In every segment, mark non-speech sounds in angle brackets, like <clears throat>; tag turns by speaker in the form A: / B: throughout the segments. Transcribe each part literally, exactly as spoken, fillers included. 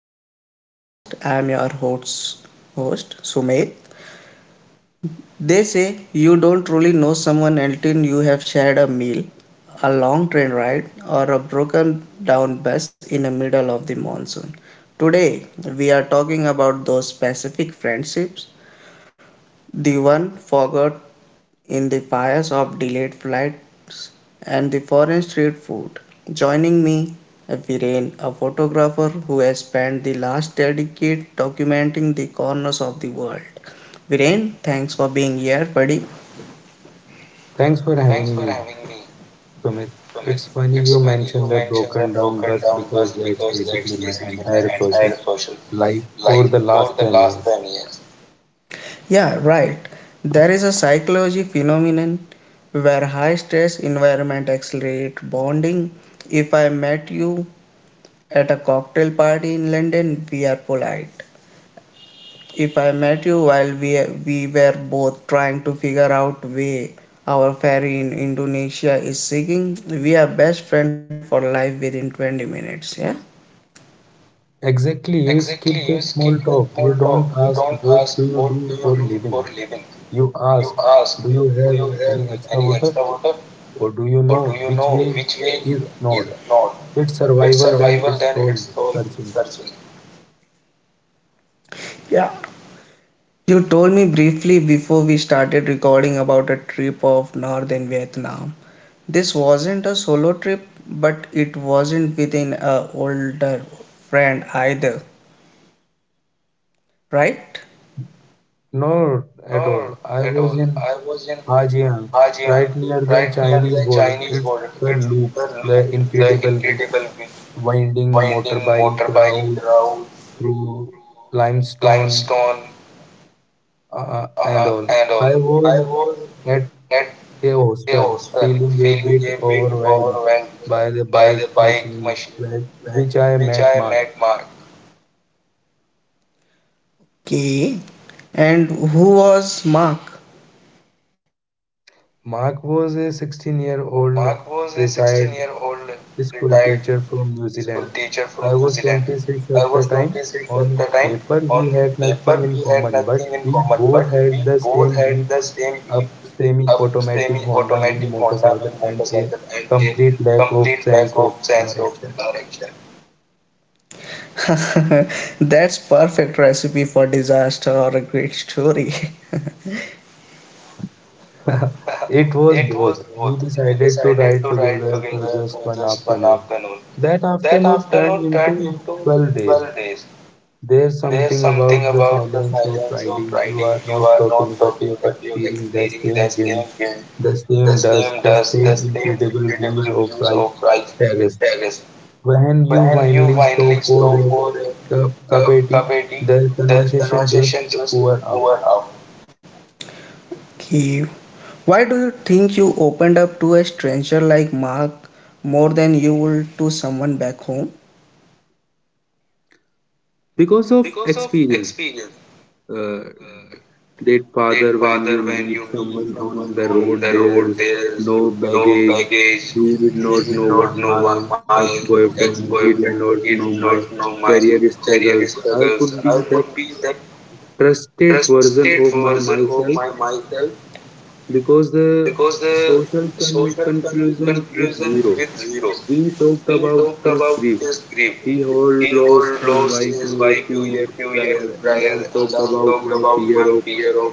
A: Sumit Podcast. I am your host, host Sumit. They say you don't truly know someone until you have shared a meal, a long train ride, or a broken down bus in the middle of the monsoon. Today, we are talking about those specific friendships, the one forgot in the fires of delayed flights and the foreign street food. Joining me, Viren, a photographer who has spent the last decade documenting the corners of the world. Viren, thanks for being here, buddy.
B: Thanks for having me, Sumit. It's funny you mentioned the broken down bus because that's basically my entire social life for the last ten years.
A: Yeah, right. There is a psychology phenomenon where high stress environment accelerate bonding. If I met you at a cocktail party in London, we are polite. If I met you while we, we were both trying to figure out where our ferry in Indonesia is sinking, we are best friend for life within twenty minutes, yeah?
B: Exactly, you skip the small talk. You don't ask, what do you do for living? You ask, do you have any extra water? Or do you know which way is north? It's survival, then it's soul searching.
A: Yeah. You told me briefly before we started recording about a trip of northern Vietnam. This wasn't a solo trip, but it wasn't within a older friend either, right?
B: Not at all. I was in Hajiang, right near the Chinese border. It's the loop, the incredible wi- winding motorbike route through limestone uh, and all. I was at a hostel, feeling a bit overwhelmed by the bike machine with which I met Mark.
A: Okay. And who was Mark?
B: Mark was a sixteen year old retired school teacher from New Zealand. I was twenty-six at the time. On paper, we had nothing in common, but we both had the same beat up semi automatic Honda Wing motorcycle and a complete lack of sense of direction.
A: <laughs> That's perfect recipe for disaster or a great story. <laughs>
B: It was both. We decided to ride together for just one afternoon. That afternoon turned into twelve days. There's something about the silence of riding. You are not talking, but you're experiencing the same wind, the same dust, the same incredible views of Rice Terrace. When you finally stop for a cup, cup of tea, the conversation just over out.
A: Okay. Why do you think you opened up to a stranger like Mark more than you would to someone back home?
B: Because of experience. uh, Date father, when you meet someone on the road, there's no baggage. He did not know why my ex-boyfriend, he did not know my career struggles. I could be that trusted version of my myself because the social con- conclusion with zero. We talked about his grief. He had lost his wife a few years prior, and I talked about my fear of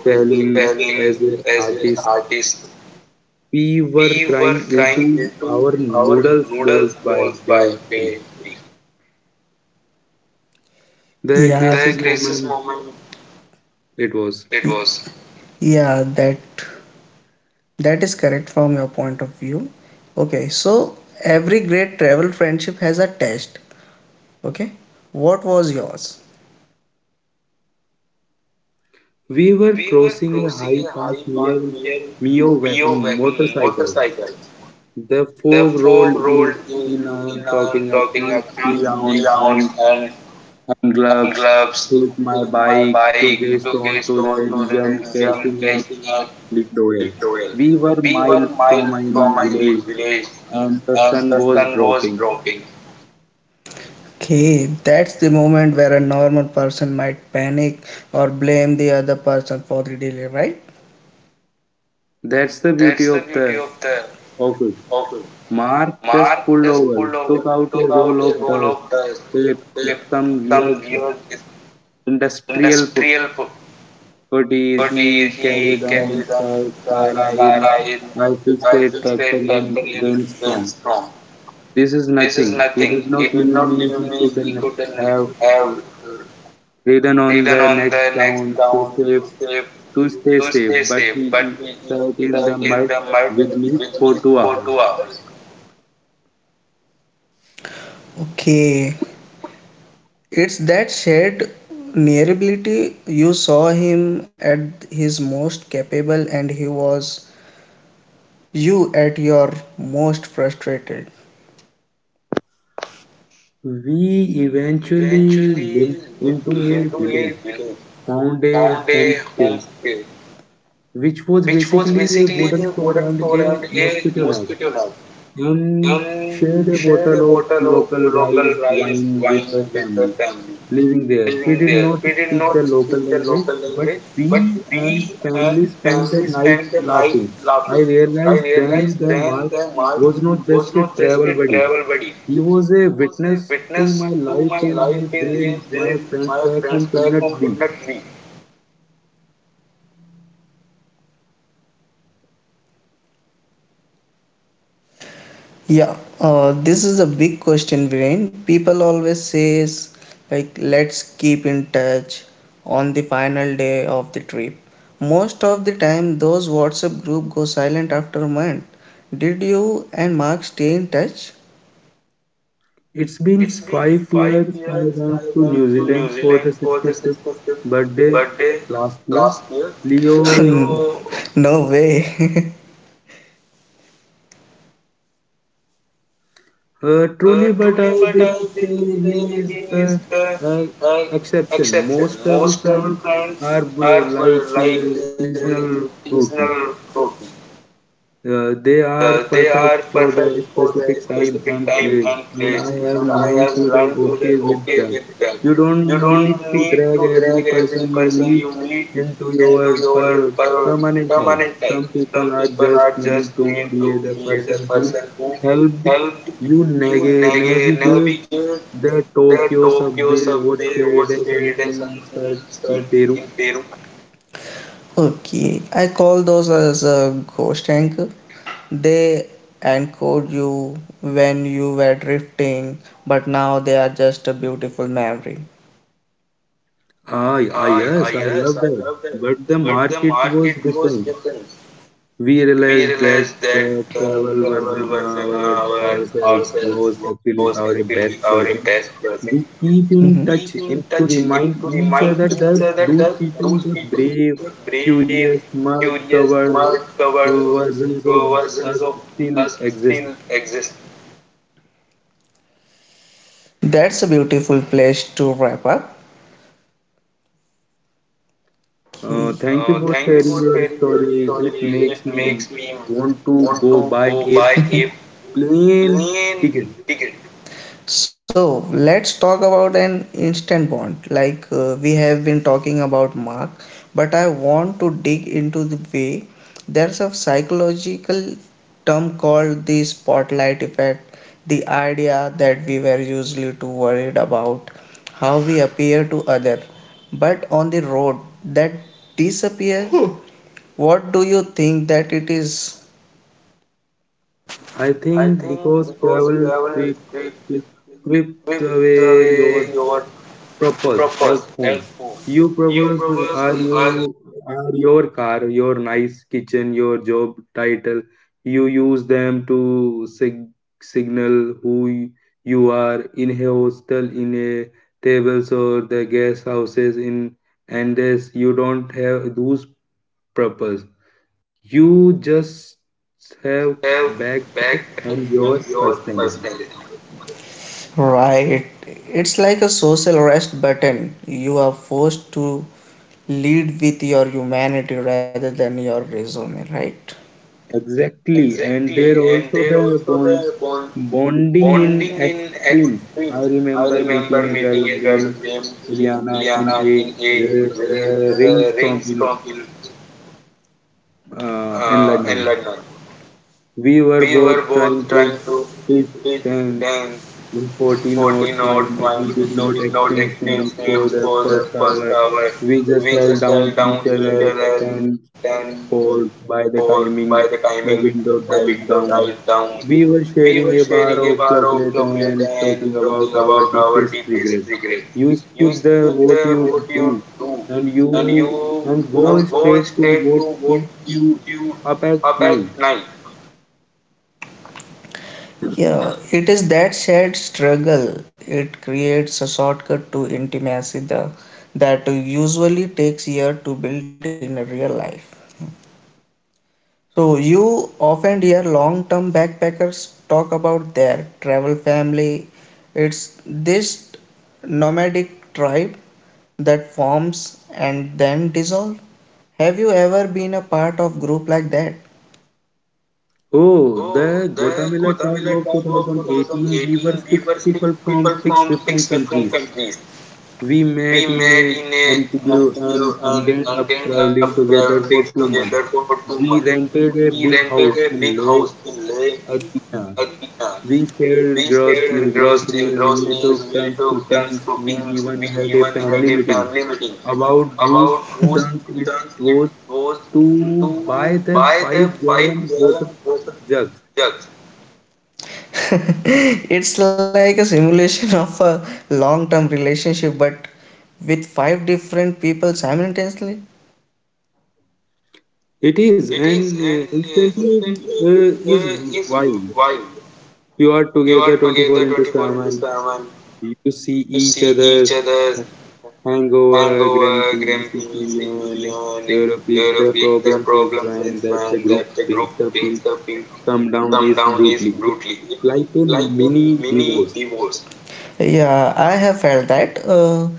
B: failing as an artist. We were crying into our noodles balls by day three. The
A: Yeah.
B: crisis moment it was.
A: Yeah, that that is correct from your point of view. Okay, so every great travel friendship has a test. Okay, what was yours?
B: We were crossing a high path near Mio wa- motorcycle. The fog rolled in, in I'm talking. I can't see on hand, hand gloves. Hit my bike to get onto the engine, crashing at Litoil. We were miles from any village, and the sun was dropping.
A: Okay, that's the moment where a normal person might panic or blame the other person for the delay, right?
B: That's the beauty of the of it. Mark just pulled over, took out a roll of dust, tape, some weird industrial Kutir, he carried on Sar- Sarah in I fixed a tractor in windstorm. This is nothing. He did not leave me. He couldn't have ridden on the next town to save to stay safe, but he sat in the mud with me for two hours.
A: Okay, it's that shared nearability. You saw him at his most capable, and he was you at your most frustrated.
B: We eventually limped into a village, found a homestay, which was basically a wooden floor and a mosquito net, and shared a bottle of local rice wine with the family living there. We did not speak the local language, but we and family spent the night laughing. I realized then that Mark was not just a travel buddy. He was a witness to my life in a way my friends back home could not be.
A: Yeah, uh, this is a big question, Viren. People always says like let's keep in touch on the final day of the trip. Most of the time, those WhatsApp group go silent after a month. Did you and Mark stay in touch?
B: It's been five years. I went to New Zealand for the sixty-fifth birthday last year. Leo,
A: No way.
B: uh, truly, but I will say he is the uh, exception. Most travel friends are uh, like uh, seasonal fruity. Uh, they are perfect for the specific time and place, and I have learned to be okay with that. You don't need to drag every person you meet into your per- permanent life. Some people are just meant to be the person who helped you nag- navigate the Tokyo subway or shade sunset in Peru.
A: <laughs> Okay, I call those as a ghost anchor. They anchored you when you were drifting, but now they are just a beautiful memory.
B: Ah, ah, yes, I love that. But the market was different. We realized that the travel version of ourselves was actually our best version. We keep in touch
A: Mm-hmm.
B: and to remind each other that those people, the brave, curious, mud covered versions of us still exist.
A: That's a beautiful place to wrap up.
B: Uh,
A: Okay.
B: thank you for sharing your story. It makes me want to go buy a plane ticket.
A: So let's talk about an instant bond. Like uh, we have been talking about Mark, but I want to dig into the way there's a psychological term called the spotlight effect. The idea that we were usually too worried about how we appear to other, but on the road that disappears. What do you think that it is?
B: I think because travel strip- strip- strips away your purpose at home. Your purpose are your are your car, your nice kitchen, your job title. You use them to sig- signal who y- you are in a hostel, in a tables or the guest houses in, and this you don't have those purpose, you just have backpack and your personality.
A: Right. It's like a social rest button. You are forced to lead with your humanity rather than your resume, right?
B: Exactly, and there also the bond, bonding in extremes. I remember meeting a girl named Iliana in a r- r- rainstorm in uh, in London. We were both trying to pitch ten and forty notes when he did not exchange names for the first hour. We just held down each other's ten poles by the timing the window died down. We were sharing a bar of chocolate and talking about our deepest regrets. You skip the what you do and you and go straight to what keeps you up at night.
A: Yeah, it is that shared struggle. It creates a shortcut to intimacy the, that usually takes years to build in a real life. So you often hear long-term backpackers talk about their travel family. It's this nomadic tribe that forms and then dissolve. Have you ever been a part of group like that?
B: Oh, the Gotamela tribe of twenty eighteen, we were six people from six different countries. We met in a Antigua and ended up traveling together for two months. We rented a big house in Lake Athena. We shared grocery, groceries, we took turns cooking, we even had a family meeting about whose turns it was to buy the five gallon water jugs.
A: It's like a simulation of a long term relationship, but with five different people simultaneously.
B: It is, and uh, instantly uh, is wild. You are together twenty-four into seven. You see each other's hangover, grumpy, sticky, and you pick the problems as when that the group breaks up in come down is brutally. It's like a mini divorce.
A: Yeah, I have felt that. Uh,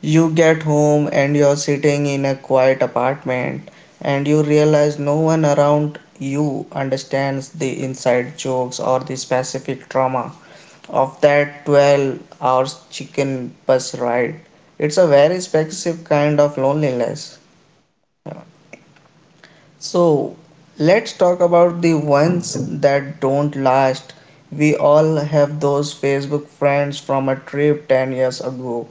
A: You get home and you're sitting in a quiet apartment and you realize no one around you understands the inside jokes or the specific trauma of that twelve hours chicken bus ride. It's a very specific kind of loneliness. So let's talk about the ones that don't last. We all have those Facebook friends from a trip ten years ago.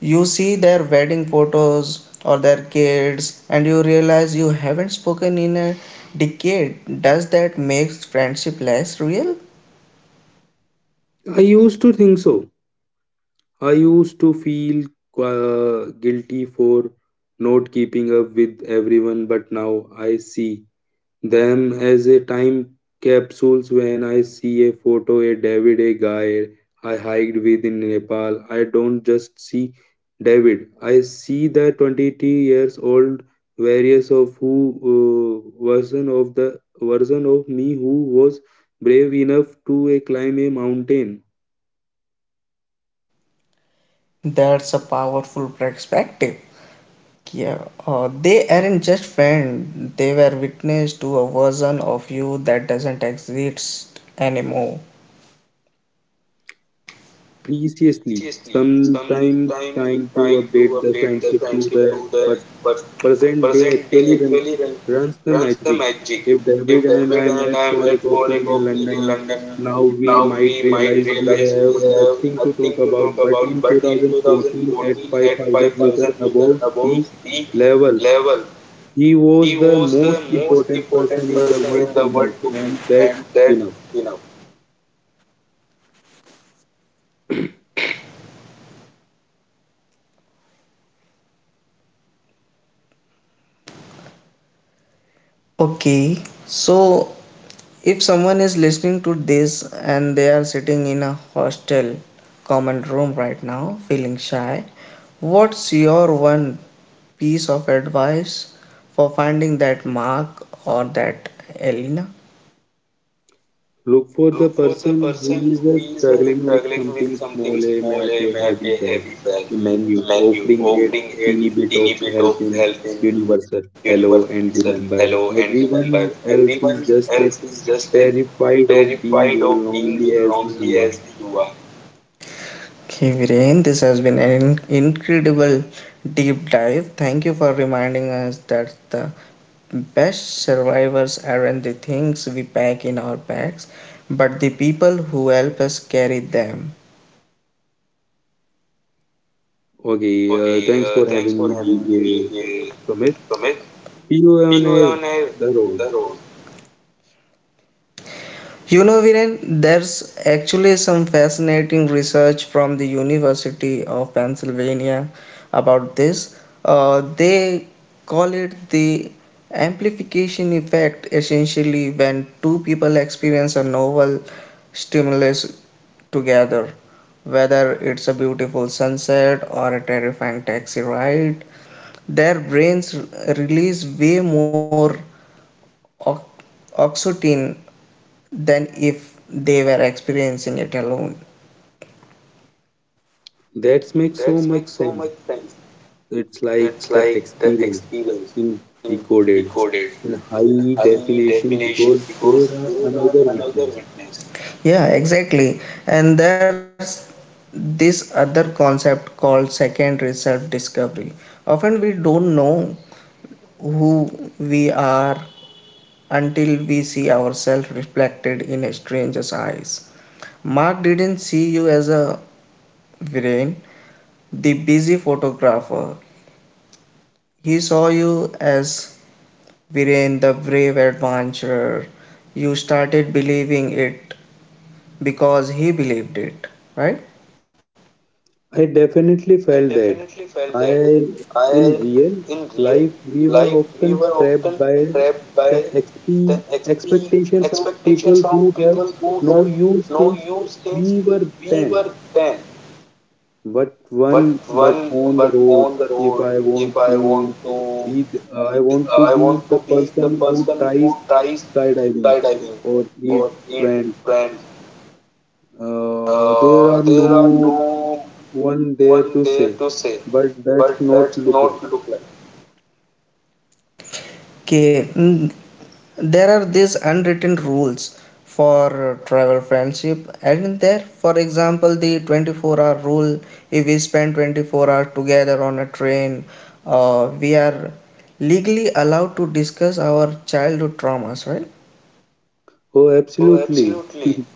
A: You see their wedding photos or their kids, and you realize you haven't spoken in a decade. Does that make friendship less real?
B: I used to think so. I used to feel uh, guilty for not keeping up with everyone, but now I see them as a time capsules. When I see a photo a David, a guy I hiked with in Nepal, I don't just see David, I see the twenty-two years old various of who uh, version of the version of me who was brave enough to uh, climb a mountain
A: That's a powerful perspective. Yeah, uh, they aren't just friends, they were witness to a version of you that doesn't exist anymore.
B: preciously. Sometimes trying to update the friendship to the present day actually run, runs the magic. If David and I met for a coffee in London now, we might realize we have nothing to talk about. But in two thousand fourteen, at five thousand meter above sea level, he was the most important person in the world to me, and that's enough.
A: Okay, so if someone is listening to this and they are sitting in a hostel common room right now, feeling shy, what's your one piece of advice for finding that Mark or that Elena?
B: Look for the person who is uh, struggling with something small, a map, a heavy bag, a menu, offering a teeny bit of help in universal. Hello, and remember, everyone else is just as terrified of being lonely as you are.
A: Okay, Viren, this has been an incredible deep dive. Thank you for reminding us that the best survivors aren't the things we pack in our bags, but the people who help us carry them.
B: Okay, uh, thanks for having me, D J Sumit. See you on a, the road.
A: You know, Viren, there's actually some fascinating research from the University of Pennsylvania about this. Uh, they call it the amplification effect, essentially, when two people experience a novel stimulus together, whether it's a beautiful sunset or a terrifying taxi ride. Their brains release way more ox- oxytocin than if they were experiencing it alone.
B: That makes so much sense. It's like the experience in recorded in high definition because there are another witness.
A: Yeah, exactly. And there's this other concept called secondary self discovery. Often we don't know who we are until we see ourselves reflected in a stranger's eyes. Mark didn't see you as a brain the busy photographer, he saw you as Viren the brave adventurer. You started believing it because he believed it, right?
B: I definitely felt that. I in real life we were often trapped by the exp- expectations of people who have known you since we were ten, but one but on the road, if I want to be th- uh, I want to be the person who tries skydiving or eats friends, uh, there are no one there to say but that's not look like.
A: Okay, mm, there are these unwritten rules for travel friendship, and there, for example, the twenty-four hour rule. If we spend twenty-four hours together on a train, uh, we are legally allowed to discuss our childhood traumas, right?
B: Oh, absolutely. <laughs>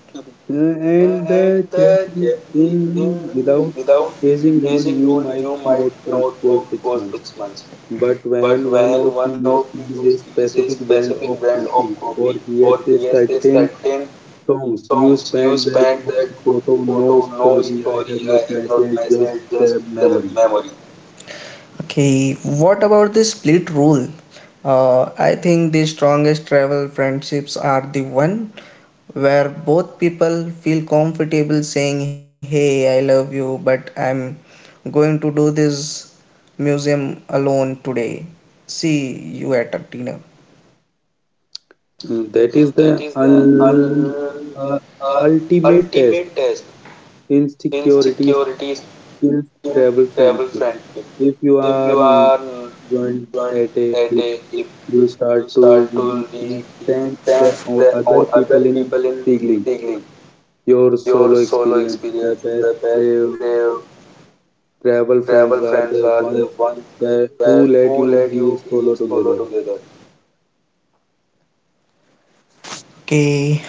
B: Uh, and the checking in without chasing rule, you might not talk for six months. But when one of you sees a specific brand of coffee or hears a certain songs, you spend that one photo. No story, I have not messaged, just the memory.
A: Okay, what about the split rule? Uh, I think the strongest travel friendships are the one where both people feel comfortable saying, "Hey, I love you, but I'm going to do this museum alone today. See you at a dinner."
B: Mm, that is the un- uh, ultimate test. Insecurity skills travel friendship. If you are mm, joined at a hip, you start to re- resent the o- other people in stealing your solo experience. The best tra- travel friends are the ones that who let you be solo together.
A: Okay,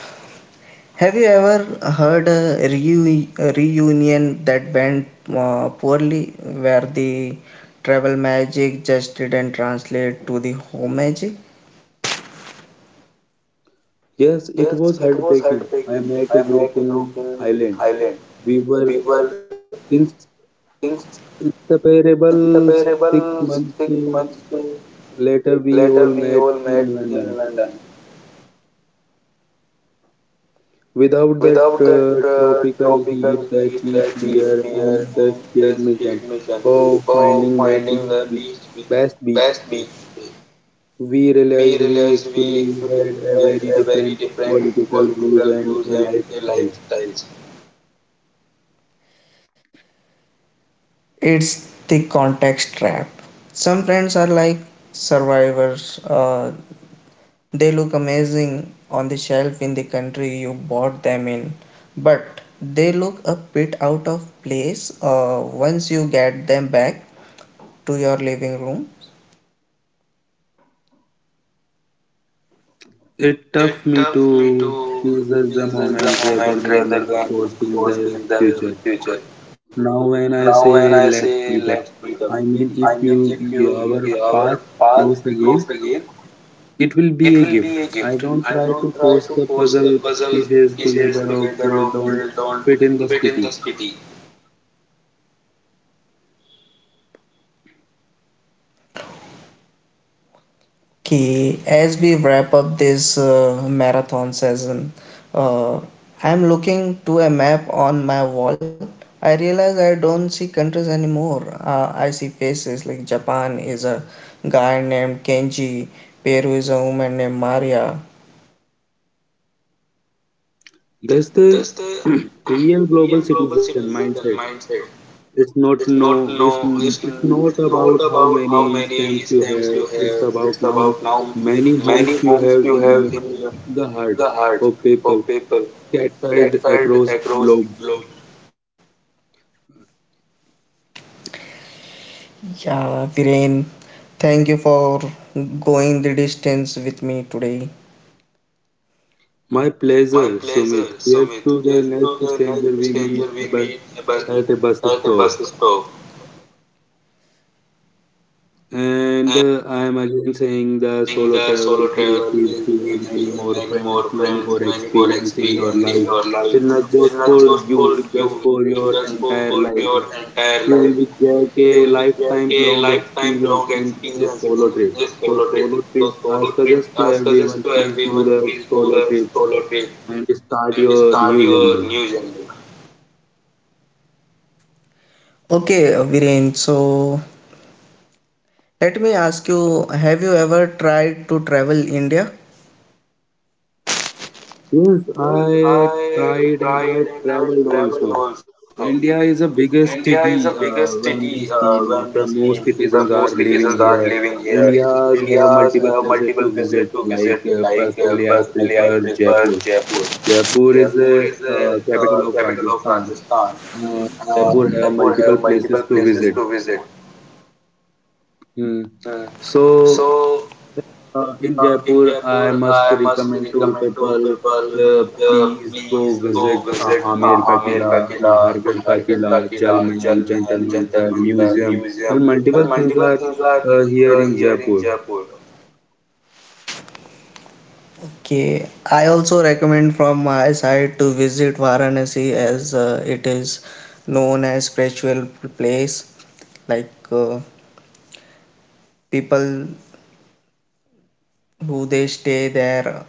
A: have you ever heard a, reu- a reunion that went uh, poorly where the travel magic just didn't translate to the home magic?
B: Yes, it was heartbreaking. I met a group in Thailand. We were inseparable six months uh, later. We all met in London. Without that uh, tropical heat, the cheap beer, and the shared mission of finding the beach, be- best beach, we realized we actually had a very different political views and a lifestyles.
A: It's the context trap. Some friends are like survivors. Uh, they look amazing on the shelf in the country you bought them in, but they look a bit out of place uh, once you get them back to your living room.
B: It taught me to tease us the moment rather than forcing the future. Now, when I say let's meet up, I mean if you your path cross again, it will be a gift. I don't try to force the puzzle pieces together of they don't fit in the city.
A: Okay, as we wrap up this uh, marathon season, uh, I'm looking to a map on my wall. I realize I don't see countries anymore. Uh, I see faces like Japan is a guy named Kenji, Peru is a woman named Maria.
B: That's the <clears throat> real global citizen mindset. It's not no. It's it's not about how many stamps you have. It's about now many homes you have in the hearts of people scattered across globe.
A: Yeah, Viren, thank you for going the distance with me today.
B: My pleasure, Sumit. Here's to the next stranger we meet a bus- at a bus stop. And uh, I am again saying the solo travel will gives you many more friends, many more experience in your life. It's not just for you, it's just for your entire life. You will be get a lifetime long experience in this solo trip. So solo trip, I suggest to everyone, please do the solo trip and start your new journey.
A: Okay, Viren, so let me ask you, have you ever tried to travel India?
B: Yes, I tried and I traveled also. India is the biggest city uh, when we see the most citizens are living here. India's have multiple places to visit. Like uh, personally, I prefer Jaipur. Jaipur is the uh, capital of Rajasthan. Uh, Jaipur have multiple places to visit. Hmm. So Uh, in Jaipur, I must recommend to people uh, please go visit uh, Amer ka Qila, Nahargarh ka Qila, Jal Mahal, Jantar Mantar Museum, and multiple things are uh, here in Jaipur.
A: Okay, I also recommend from my side to visit Varanasi as uh, it is known as spiritual place. Like uh, people who they stay there,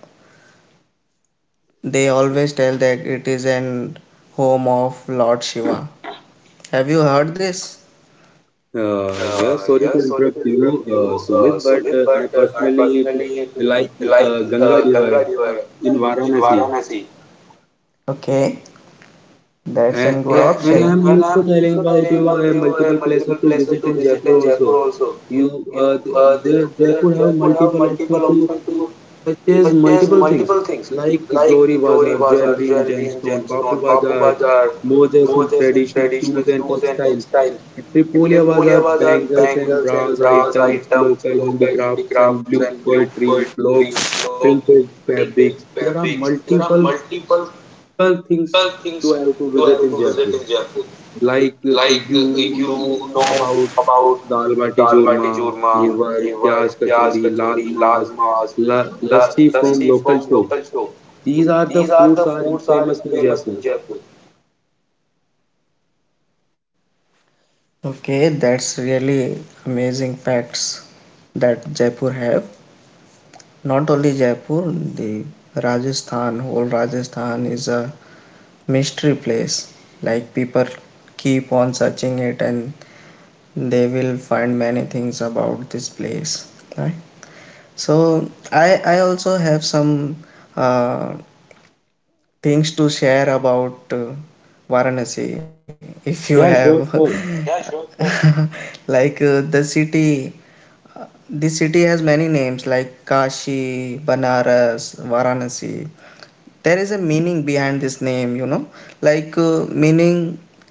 A: they always tell that it is an home of Lord Shiva. Have you heard this?
B: Uh, yeah, sorry to interrupt you, uh, Sumit, but uh, I personally like uh, Ganga River uh, in Varanasi.
A: Okay, that's
B: A-
A: an good
B: a- And
A: option.
B: I'm also telling about you uh, multiple places to visit in Jaipur also. You uh, th- there Jaipur have multiple options to purchase multiple things like Johri Bazaar, jewelry and gemstone, Bapu Bazaar, Mojas and traditional shoes and textiles, and Tripolia Bazaar, bangles and brass items, local handicrafts and blue poetry, blog, printed fabrics. There are multiple multiple things to have to visit in Jaipur. Like uh, you know about dal bati churma, ghevar, pyaz kachori, lal mas, la- lassi from local shops. These are the foods are in famous in Jaipur.
A: Okay, that's really amazing facts that Jaipur have. Not only Jaipur, the Rajasthan, whole Rajasthan is a mystery place. Like people keep on searching it and they will find many things about this place. Right? So I I also have some uh, things to share about uh, Varanasi. <laughs> If you have
B: Yeah, sure, sure.
A: <laughs> like uh, the city, this city has many names like Kashi, Banaras, Varanasi. There is a meaning behind this name, you know, like uh, meaning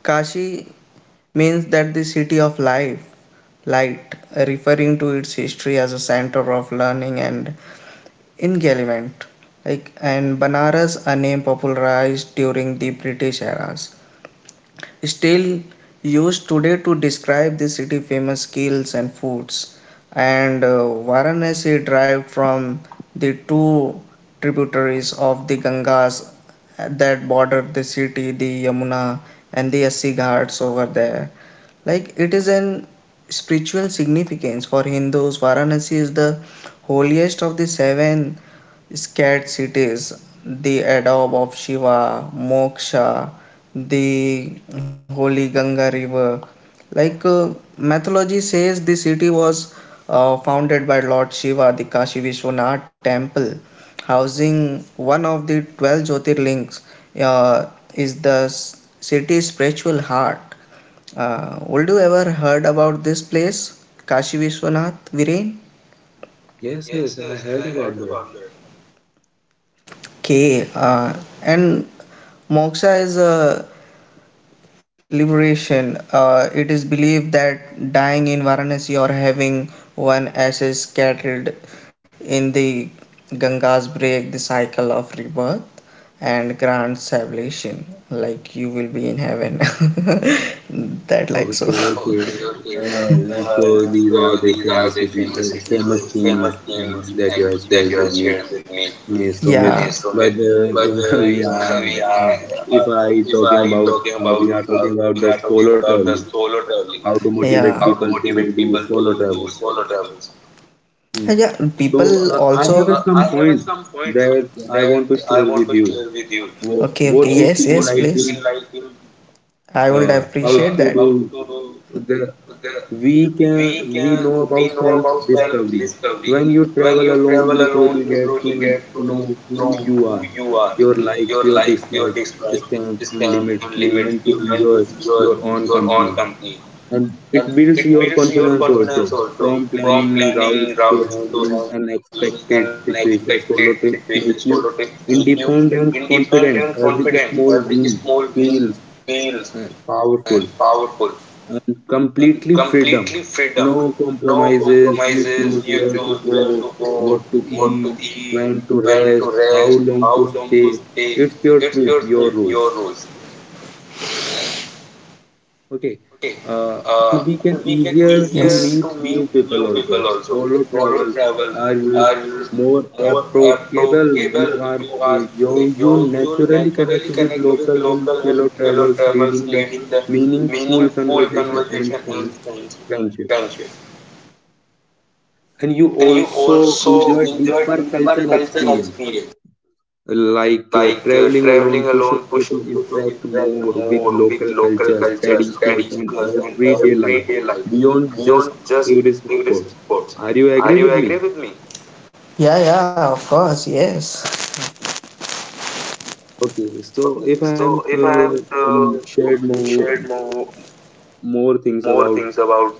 A: Kashi means that the city of life light, referring to its history as a center of learning and enlightenment. Like, and Banaras, a name popularized during the British eras, still used today to describe the city famous skills and foods. And uh, Varanasi derived from the two tributaries of the Gangas that border the city, the Yamuna and the Assi Ghats over there. Like it is an spiritual significance for Hindus. Varanasi is the holiest of the seven scared cities, the adobe of Shiva, Moksha, the holy Ganga river. Like uh, mythology says, the city was uh, founded by Lord Shiva, the Kashi Vishwanath temple, housing one of the twelve Jyotirlings, uh, is the s- city's spiritual heart. Uh, would you ever heard about this place, Kashi Vishwanath, Viren?
B: Yes, yes, I heard about that.
A: Okay, uh, and Moksha is uh, liberation. Uh, it is believed that dying in Varanasi or having one ashes scattered in the Gangas break the cycle of rebirth and grant salvation. Like you will be in heaven. <laughs> That like so.
B: Okay,
A: <laughs>
B: okay. Uh, so these are the famous city, uh, famous things and that you have shared with me. Yes, Sumit.
A: Yeah.
B: But uh, <laughs> we are, uh, if I talking about, uh, we are talking about the solo traveling, how to
A: Yeah.
B: motivate people to do solo travels. Hmm.
A: Yeah. People
B: So
A: so
B: uh, I have
A: also.
B: uh, some points that I want to share with you. Wh-
A: Okay.
B: What
A: Okay.
B: we
A: Yes.
B: feel
A: Yes.
B: like
A: Please.
B: in
A: I would.
B: uh, how to do the we can we know about self discovery. When you travel alone, you truly get to know who you are, your likes, your dislikes, strengths and limits. You learn to enjoy your own company, and it builds your confidence also. From planning routes to handling unexpected situations, solo trips make you independent and confident. Every small win feels uh, powerful, and completely freedom. No compromises. You choose where to go, what to eat, when to rest, how long to stay. It's your trip, your rules. Okay. Uh, and we can easier to meet new people also. Solo travels are more approachable. You are you you naturally connect with local and fellow travelers, leading the meaningful conversation and friends, friendship. And you also enjoy deeper culture experience like uh, traveling alone pushes you to interact more with local cultures, traditionals, and everyday life beyond just tourist spots. Are you agree with me?
A: Yeah, yeah, of course. Yes.
B: Okay, so if I am to um, share more more things about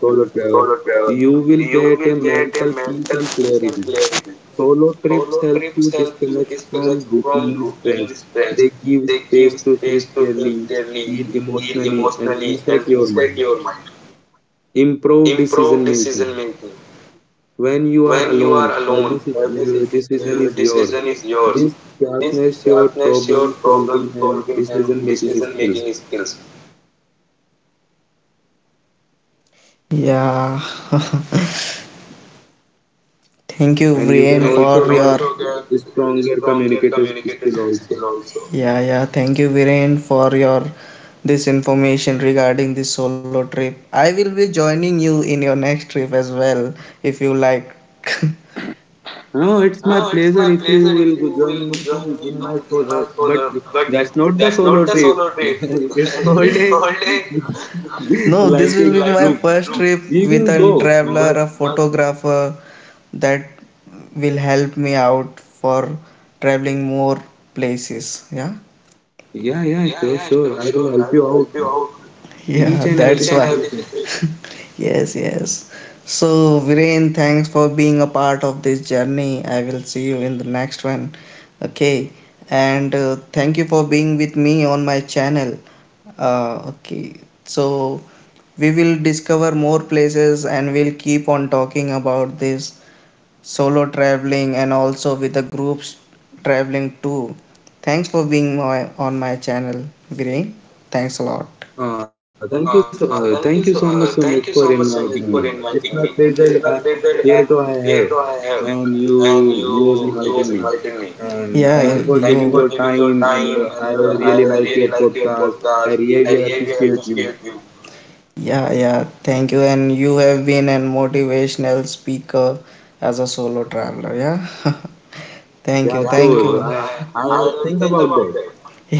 B: solo travel, you will get a mental peace and clarity. Solo trips help you disconnect from routine stress. They give space to think clearly, heal emotionally, and reset your mind. Improve decision making. When you are alone, every sit- uh, decision is yours. This sharpens your problem solving and decision making skills,
A: Yeah. <laughs> Thank you,
B: and you can
A: Brian.
B: also get stronger communicator skill also.
A: Yeah, yeah. Thank you, Viren, for your this information regarding this solo trip. I will be joining you in your next trip as well, if you like.
B: No, it's my pleasure if you will go join me too in my solar. But that's not the solo trip. <laughs> It's called a
A: <laughs> No,
B: <laughs>
A: this
B: like a
A: will be my
B: group.
A: first trip
B: We
A: with
B: will
A: a
B: go.
A: traveler,
B: But
A: a photographer that will help me out for traveling more places. Yeah,
B: yeah, yeah, sure, sure. I will help you out
A: yeah.
B: each
A: That's
B: and
A: why.
B: every situation.
A: Yes, yes. So, Viren, thanks for being a part of this journey. I will see you in the next one. Okay. And uh, thank you for being with me on my channel. Uh, okay. So, we will discover more places and we'll keep on talking about this solo traveling and also with the groups traveling too. Thanks for being my, on my channel, Viren. Thanks a lot.
B: Uh, thank you so uh, thank you so much Sumit for inviting me. It's my pleasure uh, here to I have, and you you was invited me, and
A: Yeah,
B: thank you for
A: thank
B: giving your
A: you.
B: time. And uh, I really like your podcast. I really appreciate you.
A: Yeah, yeah. Thank you. And you have been an motivational speaker as a solo traveler. Yeah. <laughs> Thank
B: Yeah,
A: you. Thank
B: sure.
A: you.
B: I I think about that,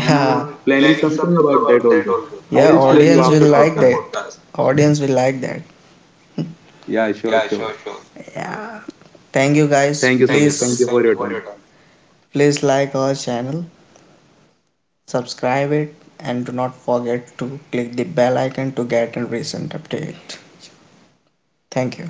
B: and I'm planning something about that also.
A: Yeah. I
B: I
A: will
B: will share
A: audience
B: you
A: will shoot
B: after
A: like
B: podcast.
A: that. Audience will like that.
B: Yeah, sure, sure.
A: Yeah. Thank you guys.
B: Thank you, Sumit. Thank
A: Please,
B: you for your time.
A: please like our channel, subscribe it and do not forget to click the bell icon to get a recent update. Thank you.